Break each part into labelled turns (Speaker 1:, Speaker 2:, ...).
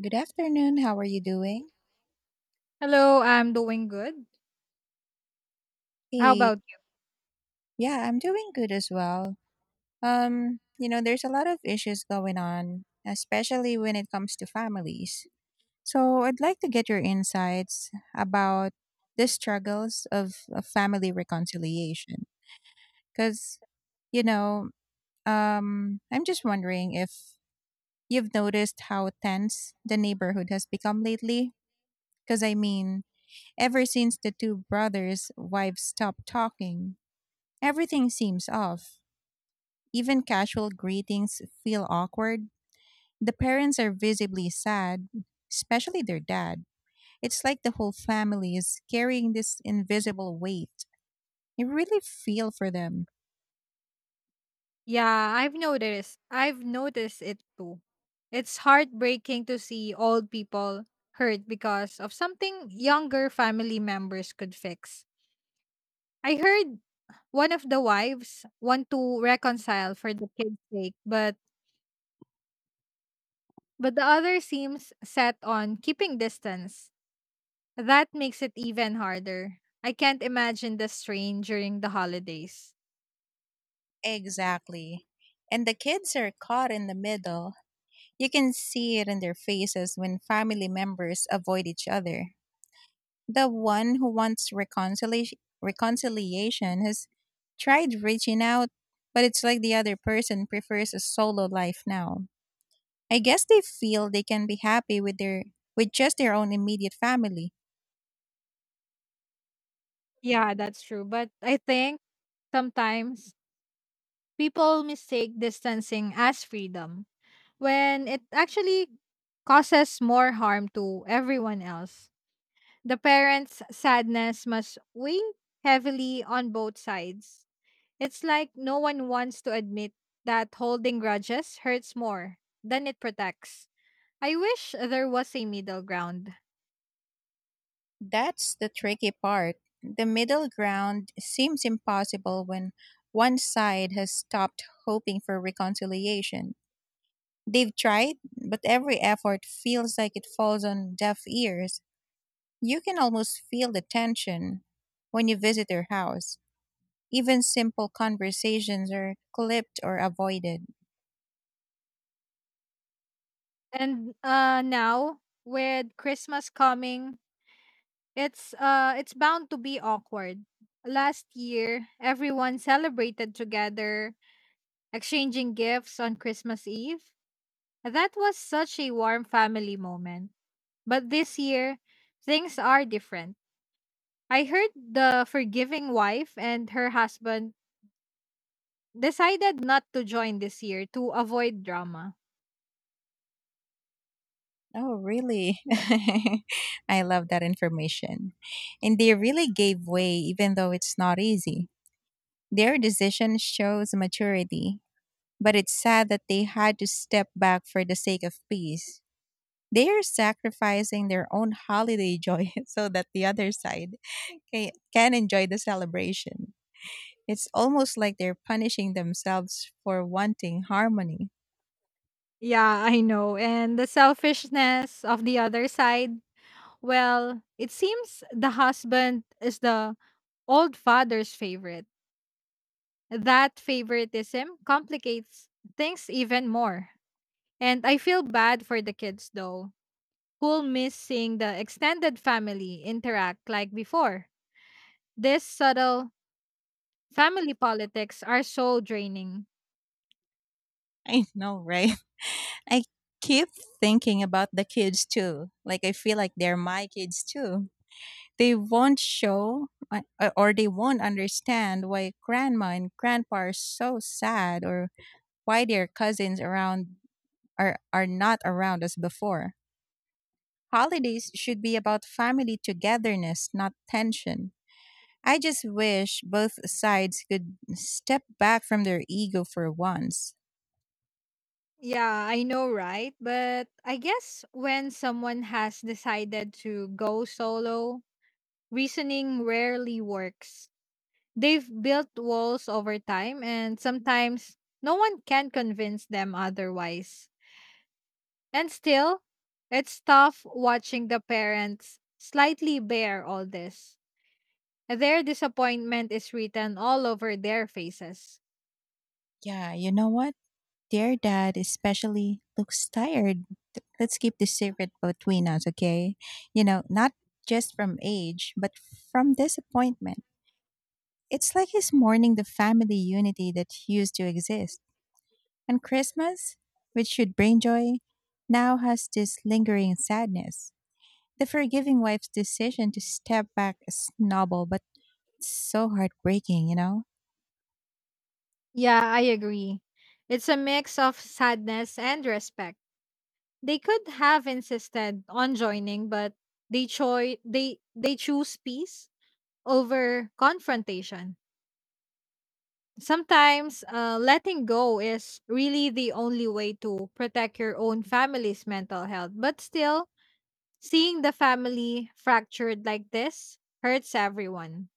Speaker 1: Good afternoon. How are you doing?
Speaker 2: Hello, I'm doing good. How
Speaker 1: Hey,
Speaker 2: about you?
Speaker 1: yeah, I'm doing good as well. There's a lot of issues going on, especially when it comes to families. So I'd like to get your insights about the struggles of family reconciliation. Because, you know, I'm just wondering if you've noticed how tense the neighborhood has become lately. Because, I mean, ever since the two brothers' wives stopped talking, everything seems off. Even casual greetings feel awkward. The parents are visibly sad, especially their dad. It's like the whole family is carrying this invisible weight. You really feel for them.
Speaker 2: Yeah, I've noticed. I've noticed it too. It's heartbreaking to see old people hurt because of something younger family members could fix. I heard one of the wives want to reconcile for the kid's sake, but the other seems set on keeping distance. That makes it even harder. I can't imagine the strain during the holidays.
Speaker 1: Exactly. And the kids are caught in the middle. You can see it in their faces when family members avoid each other. The one who wants reconciliation has tried reaching out, but it's like the other person prefers a solo life now. I guess they feel they can be happy with just their own immediate family.
Speaker 2: Yeah, that's true. But I think sometimes people mistake distancing as freedom when it actually causes more harm to everyone else. The parents' sadness must weigh heavily on both sides. It's like no one wants to admit that holding grudges hurts more than it protects. I wish there was a middle ground.
Speaker 1: That's the tricky part. The middle ground seems impossible when one side has stopped hoping for reconciliation. They've tried, but every effort feels like it falls on deaf ears. You can almost feel the tension when you visit their house. Even simple conversations are clipped or avoided.
Speaker 2: And Now, with Christmas coming, it's bound to be awkward. Last year, everyone celebrated together, exchanging gifts on Christmas Eve. That was such a warm family moment. But this year, things are different. I heard the forgiving wife and her husband decided not to join this year to avoid drama.
Speaker 1: Oh, really? I love that information. And they really gave way, even though it's not easy. Their decision shows maturity, but it's sad that they had to step back for the sake of peace. They are sacrificing their own holiday joy so that the other side can enjoy the celebration. It's almost like they're punishing themselves for wanting harmony.
Speaker 2: Yeah, I know. And the selfishness of the other side, well, it seems the husband is the old father's favorite. That favoritism complicates things even more. And I feel bad for the kids though, who'll miss seeing the extended family interact like before. This subtle family politics are so draining.
Speaker 1: I know, right? I keep thinking about the kids too. Like, I feel like they're my kids too. They won't show or they won't understand why grandma and grandpa are so sad or why their cousins around are not around as before. Holidays should be about family togetherness, not tension. I just wish both sides could step back from their ego for once.
Speaker 2: Yeah, I know, right? But I guess when someone has decided to go solo, reasoning rarely works. They've built walls over time, and sometimes no one can convince them otherwise. And still, it's tough watching the parents slightly bear all this. Their disappointment is written all over their faces.
Speaker 1: Yeah, you know what? Dear dad especially looks tired. Let's keep this secret between us, okay? Not just from age, but from disappointment. It's like he's mourning the family unity that used to exist. And Christmas, which should bring joy, now has this lingering sadness. The forgiving wife's decision to step back is noble, but so heartbreaking, you know?
Speaker 2: Yeah, I agree. It's a mix of sadness and respect. They could have insisted on joining, but they choi they choose peace over confrontation. Sometimes letting go is really the only way to protect your own family's mental health. But still, seeing the family fractured like this hurts everyone.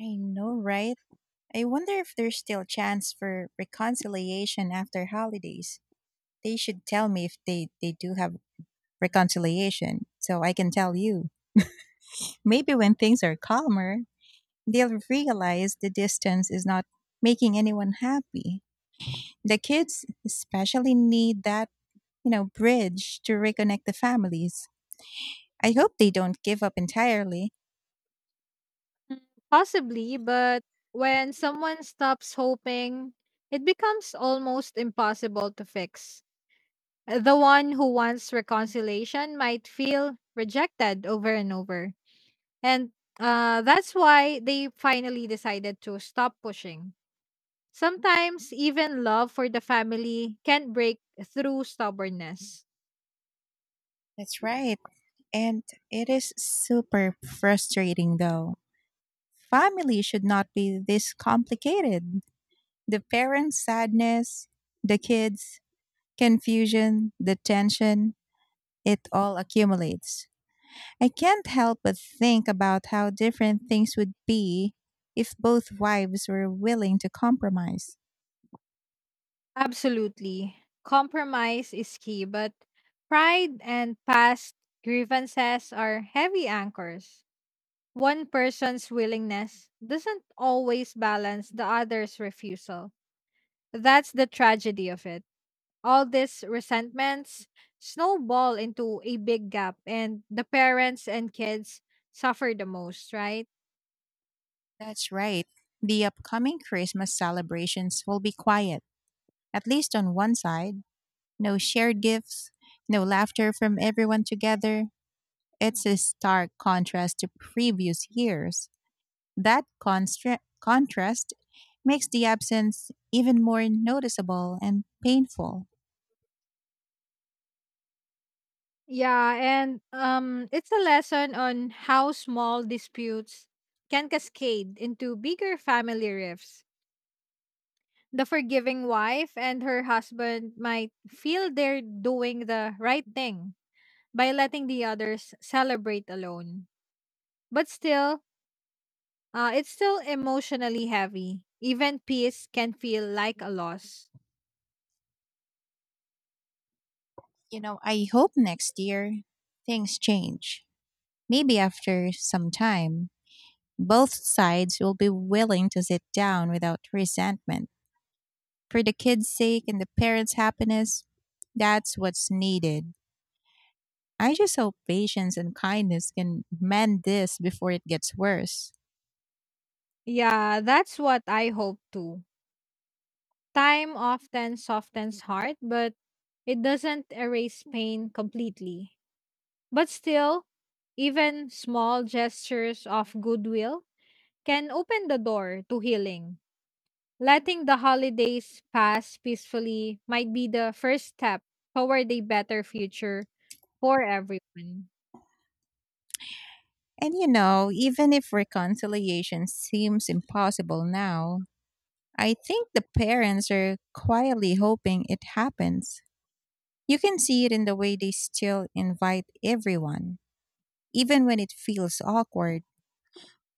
Speaker 1: I know, right? I wonder if there's still chance for reconciliation after holidays. They should tell me if they do have reconciliation so I can tell you. Maybe when things are calmer, they'll realize the distance is not making anyone happy. The kids especially need that, bridge to reconnect the families. I hope they don't give up entirely.
Speaker 2: Mm, possibly, but when someone stops hoping, it becomes almost impossible to fix. The one who wants reconciliation might feel rejected over and over. And That's why they finally decided to stop pushing. Sometimes even love for the family can break through stubbornness.
Speaker 1: That's right. And it is super frustrating though. Family should not be this complicated. The parents' sadness, the kids' confusion, the tension, it all accumulates. I can't help but think about how different things would be if both wives were willing to compromise.
Speaker 2: Absolutely. Compromise is key, but pride and past grievances are heavy anchors. One person's willingness doesn't always balance the other's refusal. That's the tragedy of it. All these resentments snowball into a big gap, and the parents and kids suffer the most, right?
Speaker 1: That's right. The upcoming Christmas celebrations will be quiet, at least on one side. No shared gifts, no laughter from everyone together. It's a stark contrast to previous years. That contrast makes the absence even more noticeable and painful.
Speaker 2: Yeah, and it's a lesson on how small disputes can cascade into bigger family rifts. The forgiving wife and her husband might feel they're doing the right thing by letting the others celebrate alone. But still, it's still emotionally heavy. Even peace can feel like a loss.
Speaker 1: I hope next year things change. Maybe after some time, both sides will be willing to sit down without resentment. For the kids' sake and the parents' happiness, that's what's needed. I just hope patience and kindness can mend this before it gets worse.
Speaker 2: Yeah, that's what I hope too. Time often softens heart, but it doesn't erase pain completely. But still, even small gestures of goodwill can open the door to healing. Letting the holidays pass peacefully might be the first step toward a better future for everyone.
Speaker 1: And even if reconciliation seems impossible now, I think the parents are quietly hoping it happens. You can see it in the way they still invite everyone, even when it feels awkward.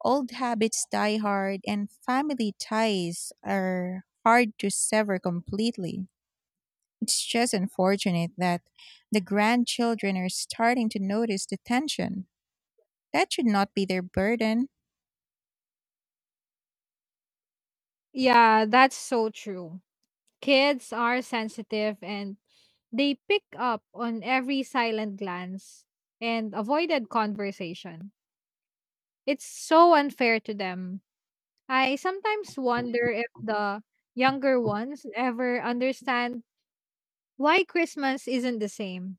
Speaker 1: Old habits die hard, and family ties are hard to sever completely. It's just unfortunate that the grandchildren are starting to notice the tension. That should not be their burden.
Speaker 2: Yeah, that's so true. Kids are sensitive and they pick up on every silent glance and avoided conversation. It's so unfair to them. I sometimes wonder if the younger ones ever understand why Christmas isn't the same.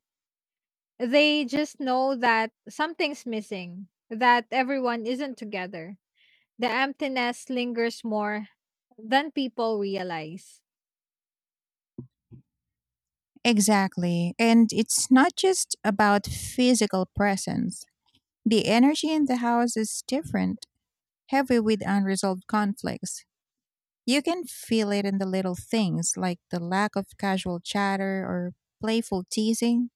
Speaker 2: They just know that something's missing, that everyone isn't together. The emptiness lingers more than people realize.
Speaker 1: Exactly. And it's not just about physical presence. The energy in the house is different, heavy with unresolved conflicts. You can feel it in the little things, like the lack of casual chatter or playful teasing.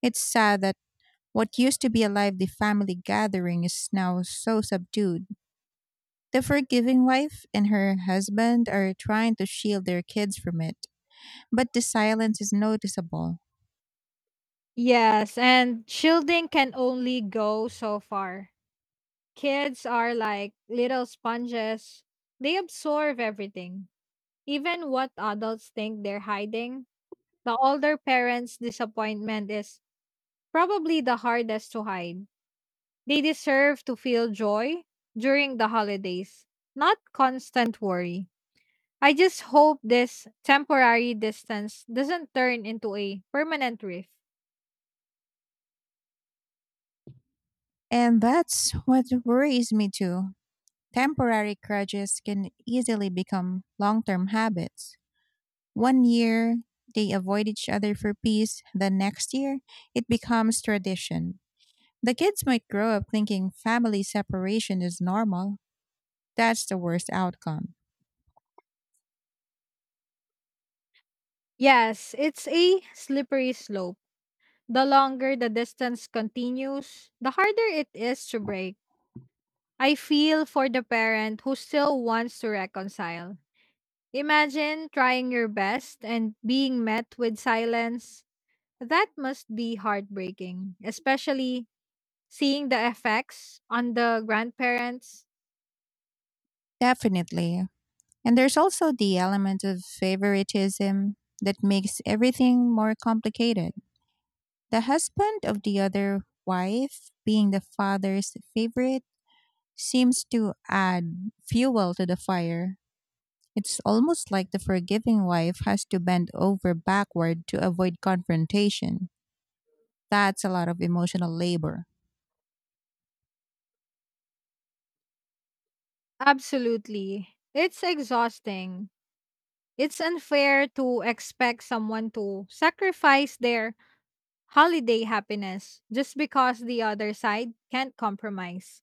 Speaker 1: It's sad that what used to be a lively family gathering is now so subdued. The forgiving wife and her husband are trying to shield their kids from it, but the silence is noticeable.
Speaker 2: Yes, and shielding can only go so far. Kids are like little sponges, they absorb everything, even what adults think they're hiding. The older parents' disappointment is probably the hardest to hide. They deserve to feel joy during the holidays, not constant worry. I just hope this temporary distance doesn't turn into a permanent rift.
Speaker 1: And that's what worries me too. Temporary grudges can easily become long term habits. One year, they avoid each other for peace. The next year, it becomes tradition. The kids might grow up thinking family separation is normal. That's the worst outcome.
Speaker 2: Yes, it's a slippery slope. The longer the distance continues, the harder it is to break. I feel for the parent who still wants to reconcile. Imagine trying your best and being met with silence. That must be heartbreaking, especially seeing the effects on the grandparents.
Speaker 1: Definitely. And there's also the element of favoritism that makes everything more complicated. The husband of the other wife, being the father's favorite, seems to add fuel to the fire. It's almost like the forgiving wife has to bend over backward to avoid confrontation. That's a lot of emotional labor.
Speaker 2: Absolutely. It's exhausting. It's unfair to expect someone to sacrifice their holiday happiness just because the other side can't compromise.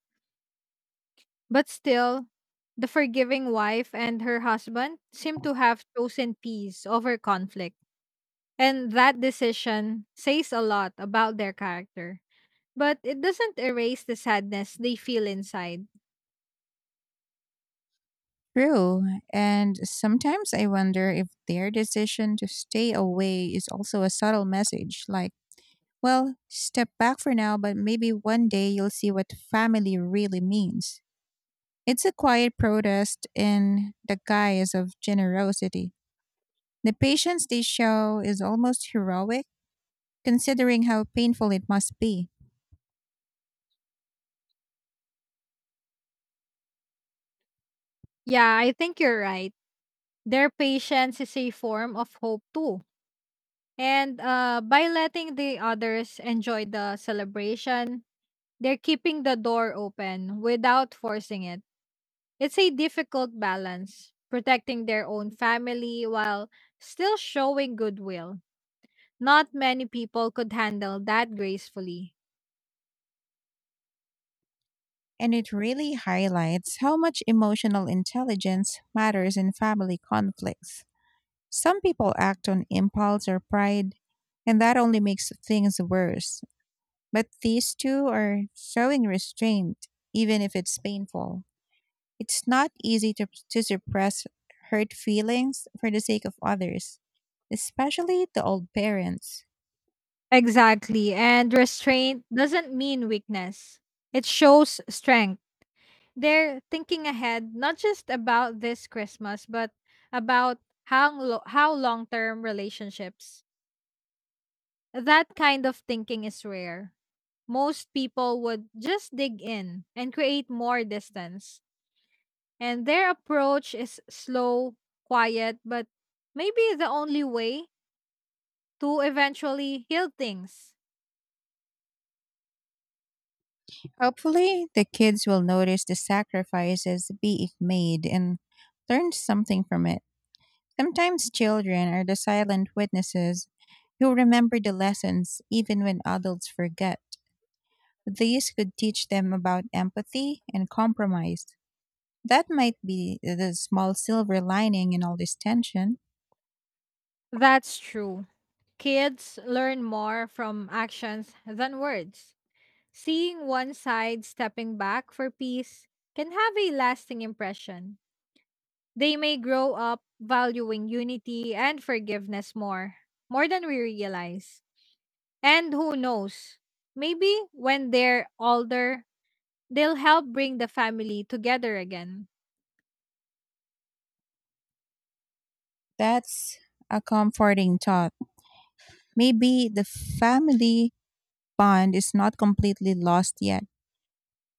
Speaker 2: But still, the forgiving wife and her husband seem to have chosen peace over conflict. And that decision says a lot about their character, but it doesn't erase the sadness they feel inside.
Speaker 1: True, and sometimes I wonder if their decision to stay away is also a subtle message like, well, step back for now, but maybe one day you'll see what family really means. It's a quiet protest in the guise of generosity. The patience they show is almost heroic, considering how painful it must be,
Speaker 2: Yeah, I think you're right. Their patience is a form of hope too. And By letting the others enjoy the celebration, they're keeping the door open without forcing it. It's a difficult balance, protecting their own family while still showing goodwill. Not many people could handle that gracefully.
Speaker 1: and it really highlights how much emotional intelligence matters in family conflicts. Some people act on impulse or pride, and that only makes things worse. But these two are showing restraint, even if it's painful. It's not easy to suppress hurt feelings for the sake of others, especially the old parents.
Speaker 2: Exactly. And restraint doesn't mean weakness, it shows strength. They're thinking ahead, not just about this Christmas, but about how long term relationships. That kind of thinking is rare. Most people would just dig in and create more distance. And their approach is slow, quiet, but maybe the only way to eventually heal things.
Speaker 1: Hopefully, the kids will notice the sacrifices being made and learn something from it. Sometimes children are the silent witnesses who remember the lessons even when adults forget. These could teach them about empathy and compromise. That might be the small silver lining in all this tension.
Speaker 2: That's true. Kids learn more from actions than words. Seeing one side stepping back for peace can have a lasting impression. They may grow up valuing unity and forgiveness more than we realize. And who knows, maybe when they're older, they'll help bring the family together again.
Speaker 1: That's a comforting thought. Maybe the family bond is not completely lost yet.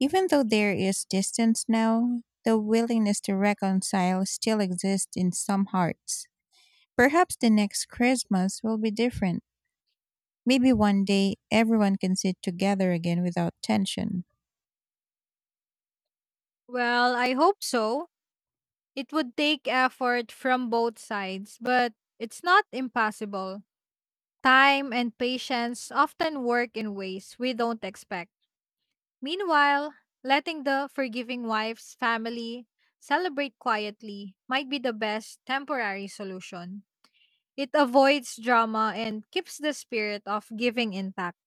Speaker 1: Even though there is distance now, the willingness to reconcile still exists in some hearts. Perhaps the next Christmas will be different. Maybe one day everyone can sit together again without tension.
Speaker 2: Well, I hope so. It would take effort from both sides, but it's not impossible. Time and patience often work in ways we don't expect. Meanwhile, letting the forgiving wife's family celebrate quietly might be the best temporary solution. It avoids drama and keeps the spirit of giving intact.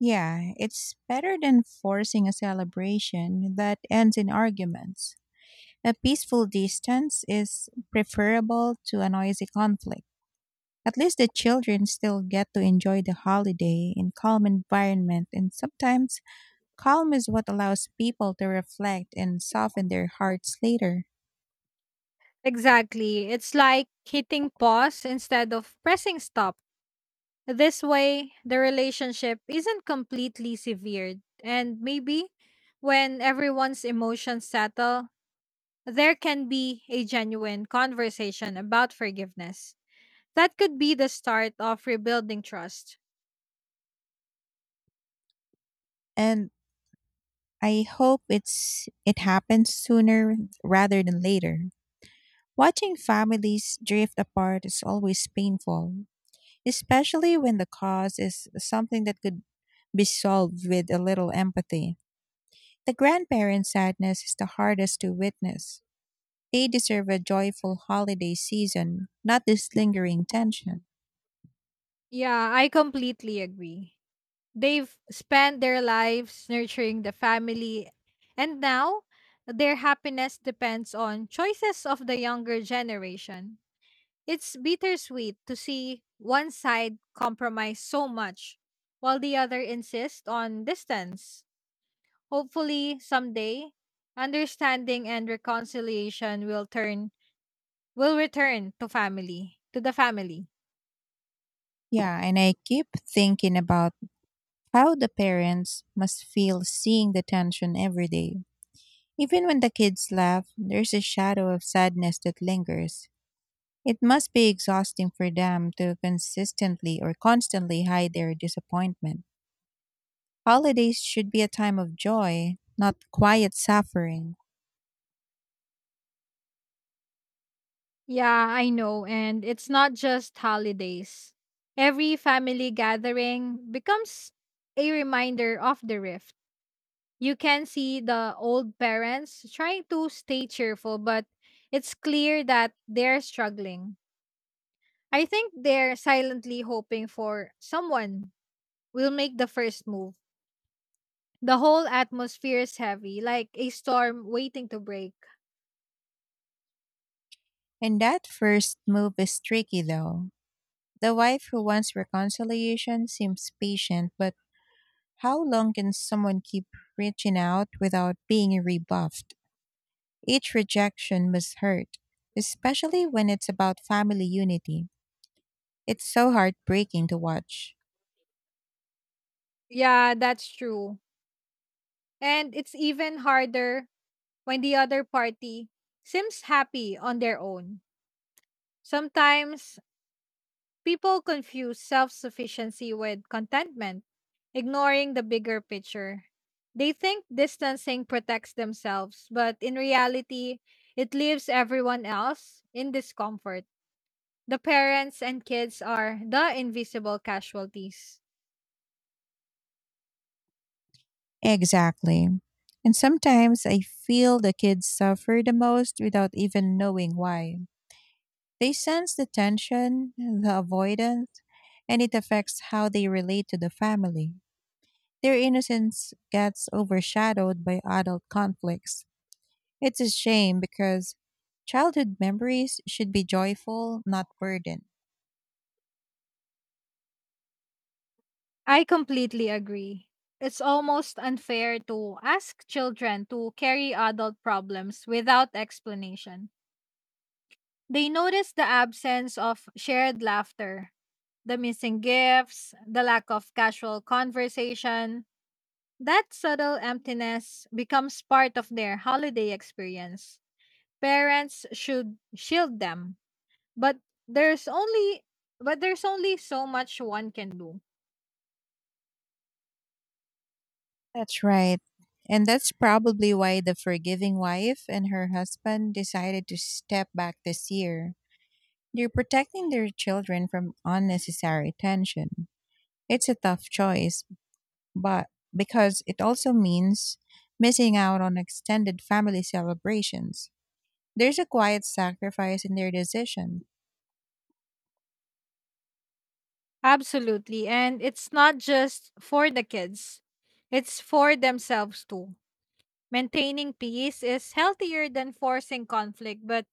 Speaker 1: Yeah, it's better than forcing a celebration that ends in arguments. A peaceful distance is preferable to a noisy conflict. At least the children still get to enjoy the holiday in calm environment, and sometimes calm is what allows people to reflect and soften their hearts later.
Speaker 2: Exactly. It's like hitting pause instead of pressing stop. This way, the relationship isn't completely severed, and maybe when everyone's emotions settle, there can be a genuine conversation about forgiveness. That could be the start of rebuilding trust.
Speaker 1: And I hope it happens sooner rather than later. Watching families drift apart is always painful, especially when the cause is something that could be solved with a little empathy. The grandparents' sadness is the hardest to witness. They deserve a joyful holiday season, not this lingering tension.
Speaker 2: Yeah, I completely agree. They've spent their lives nurturing the family, and now their happiness depends on choices of the younger generation. It's bittersweet to see one side compromise so much while the other insists on distance. Hopefully, someday, understanding and reconciliation will return to the family.
Speaker 1: Yeah, and I keep thinking about how the parents must feel seeing the tension every day. Even when the kids laugh, there's a shadow of sadness that lingers. It must be exhausting for them to consistently or constantly hide their disappointment. Holidays should be a time of joy, not quiet suffering.
Speaker 2: Yeah, I know, and it's not just holidays. Every family gathering becomes a reminder of the rift. You can see the old parents trying to stay cheerful, but it's clear that they're struggling. I think they're silently hoping for someone will make the first move. The whole atmosphere is heavy, like a storm waiting to break.
Speaker 1: And that first move is tricky, though. The wife who wants reconciliation seems patient, but how long can someone keep reaching out without being rebuffed? Each rejection must hurt, especially when it's about family unity. It's so heartbreaking to watch.
Speaker 2: Yeah, that's true. And it's even harder when the other party seems happy on their own. Sometimes people confuse self sufficiency with contentment, ignoring the bigger picture. They think distancing protects themselves, but in reality, it leaves everyone else in discomfort. The parents and kids are the invisible casualties.
Speaker 1: Exactly. And sometimes I feel the kids suffer the most without even knowing why. They sense the tension, the avoidance, and it affects how they relate to the family. Their innocence gets overshadowed by adult conflicts. It's a shame because childhood memories should be joyful, not burdened.
Speaker 2: I completely agree. It's almost unfair to ask children to carry adult problems without explanation. They notice the absence of shared laughter, the missing gifts, the lack of casual conversation. That subtle emptiness becomes part of their holiday experience. Parents should shield them, but there's only there's only so much one can do.
Speaker 1: That's right. And that's probably why the forgiving wife and her husband decided to step back this year. They're protecting their children from unnecessary tension. It's a tough choice, but because it also means missing out on extended family celebrations. There's a quiet sacrifice in their decision.
Speaker 2: Absolutely. And it's not just for the kids, it's for themselves too. Maintaining peace is healthier than forcing conflict, but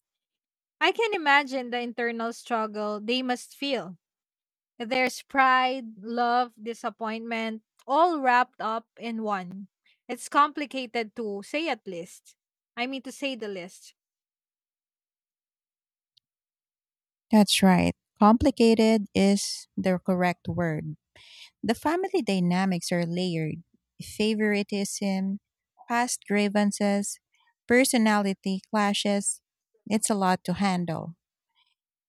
Speaker 2: I can imagine the internal struggle they must feel. There's pride, love, disappointment, all wrapped up in one. It's complicated to say at least. I mean, to say the list.
Speaker 1: That's right. Complicated is the correct word. The family dynamics are layered: favoritism, past grievances, personality clashes. It's a lot to handle.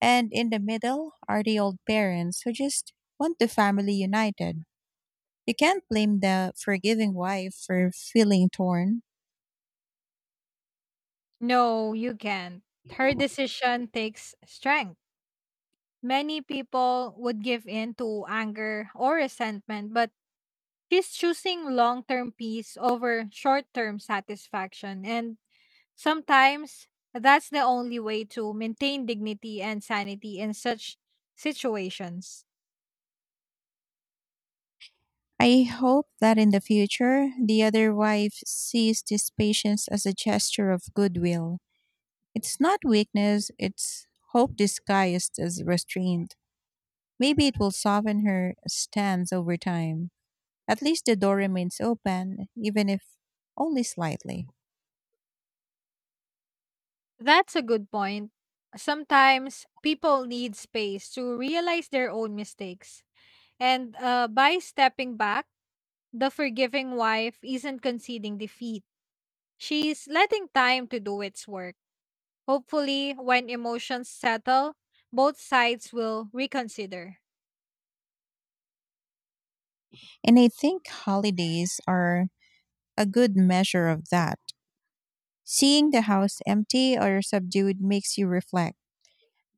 Speaker 1: And in the middle are the old parents who just want the family united. You can't blame the forgiving wife for feeling torn.
Speaker 2: No, you can't. Her decision takes strength. Many people would give in to anger or resentment, but she's choosing long term peace over short term satisfaction. And sometimes that's the only way to maintain dignity and sanity in such situations.
Speaker 1: I hope that in the future, the other wife sees this patience as a gesture of goodwill. It's not weakness, it's hope disguised as restraint. Maybe it will soften her stance over time. At least the door remains open, even if only slightly.
Speaker 2: That's a good point. Sometimes people need space to realize their own mistakes. And By stepping back, the forgiving wife isn't conceding defeat. She's letting time to do its work. Hopefully, when emotions settle, both sides will reconsider.
Speaker 1: And I think holidays are a good measure of that. Seeing the house empty or subdued makes you reflect.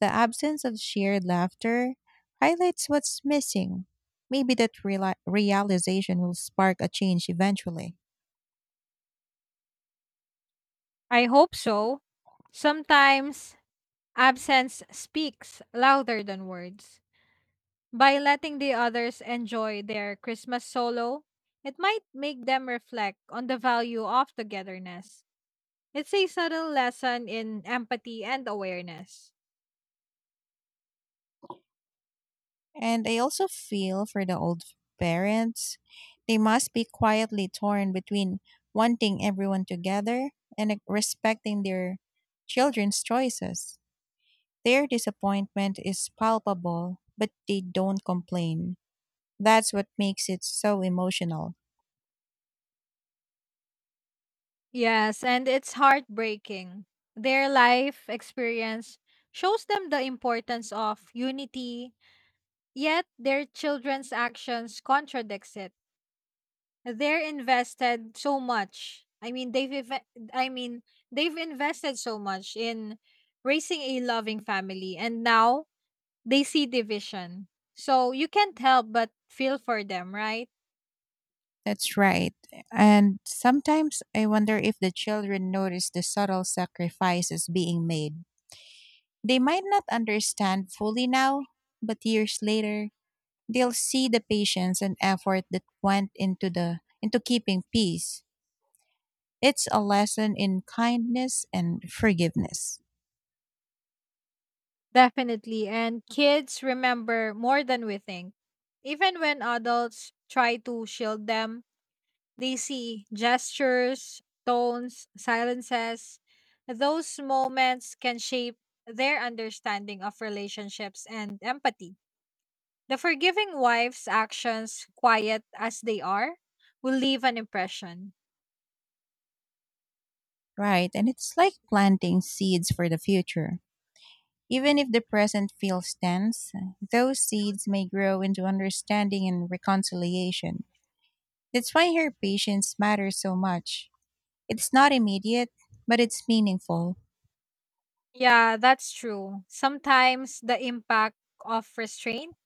Speaker 1: The absence of shared laughter highlights what's missing. Maybe that realization will spark a change eventually.
Speaker 2: I hope so. Sometimes absence speaks louder than words. By letting the others enjoy their Christmas solo, it might make them reflect on the value of togetherness. It's a subtle lesson in empathy and awareness.
Speaker 1: And I also feel for the old parents. They must be quietly torn between wanting everyone together and respecting their children's choices. Their disappointment is palpable, but they don't complain. That's what makes it so emotional.
Speaker 2: Yes, and it's heartbreaking. Their life experience shows them the importance of unity. Yet their children's actions contradicts it. They're invested so much. I mean, they've ev- I mean, They've invested so much in raising a loving family and now they see division. So you can't help but feel for them, right?
Speaker 1: That's right. And sometimes I wonder if the children notice the subtle sacrifices being made. They might not understand fully now, but years later, they'll see the patience and effort that went into keeping peace. It's a lesson in kindness and forgiveness,
Speaker 2: Definitely. And kids remember more than we think. Even when adults try to shield them, they see gestures, tones, silences. Those moments can shape their understanding of relationships and empathy. The forgiving wife's actions, quiet as they are, will leave an impression.
Speaker 1: right? And it's like planting seeds for the future. Even if the present feels tense, those seeds may grow into understanding and reconciliation. That's why her patience matters so much. It's not immediate, but it's meaningful.
Speaker 2: Yeah, that's true. Sometimes the impact of restraint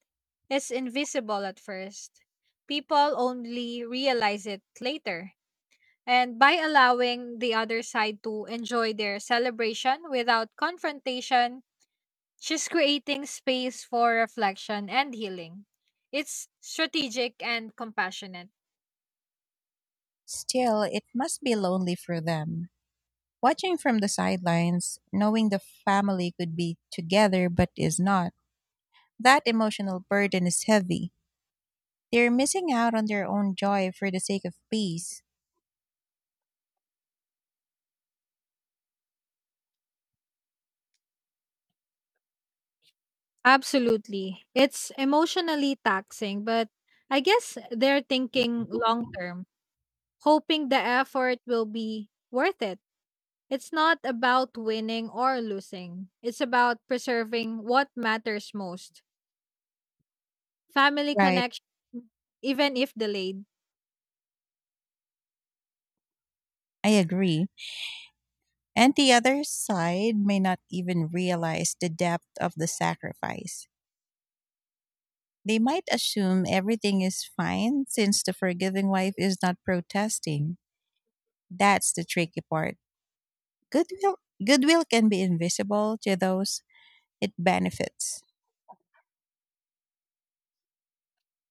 Speaker 2: is invisible at first. People only realize it later. And by allowing the other side to enjoy their celebration without confrontation, she's creating space for reflection and healing. It's strategic and compassionate.
Speaker 1: Still, it must be lonely for them. Watching from the sidelines, knowing the family could be together but is not, that emotional burden is heavy. They're missing out on their own joy for the sake of peace.
Speaker 2: Absolutely. It's emotionally taxing, but I guess they're thinking long term, hoping the effort will be worth it. It's not about winning or losing, it's about preserving what matters most: family
Speaker 1: Right,
Speaker 2: connection, even if delayed.
Speaker 1: I agree. And the other side may not even realize the depth of the sacrifice. They might assume everything is fine since the forgiving wife is not protesting. That's the tricky part. Goodwill, goodwill can be invisible to those it benefits.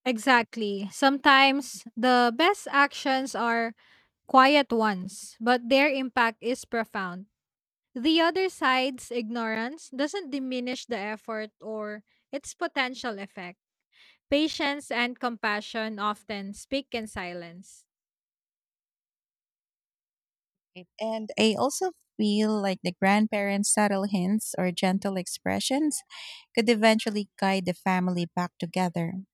Speaker 2: Exactly. Sometimes the best actions are quiet ones, but their impact is profound. The other side's ignorance doesn't diminish the effort or its potential effect. Patience and compassion often speak in silence.
Speaker 1: Right. And I also feel like the grandparents' subtle hints or gentle expressions could eventually guide the family back together.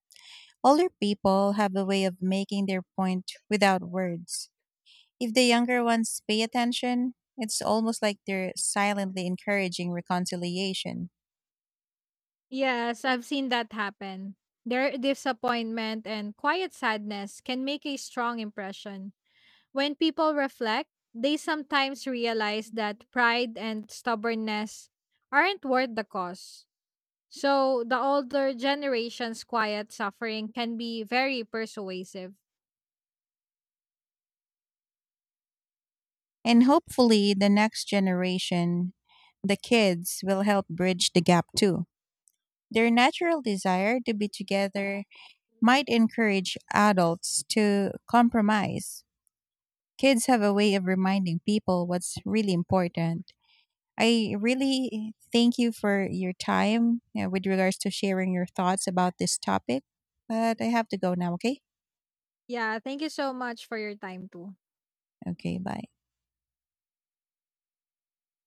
Speaker 1: Older people have a way of making their point without words. If the younger ones pay attention, it's almost like they're silently encouraging reconciliation.
Speaker 2: Yes, I've seen that happen. Their disappointment and quiet sadness can make a strong impression. When people reflect, they sometimes realize that pride and stubbornness aren't worth the cost. So, the older generation's quiet suffering can be very persuasive.
Speaker 1: And hopefully, the next generation, the kids, will help bridge the gap too. Their natural desire to be together might encourage adults to compromise. Kids have a way of reminding people what's really important. I really thank you for your time with regards to sharing your thoughts about this topic, but I have to go now, okay?
Speaker 2: Yeah, thank you so much for your time too.
Speaker 1: Okay, bye.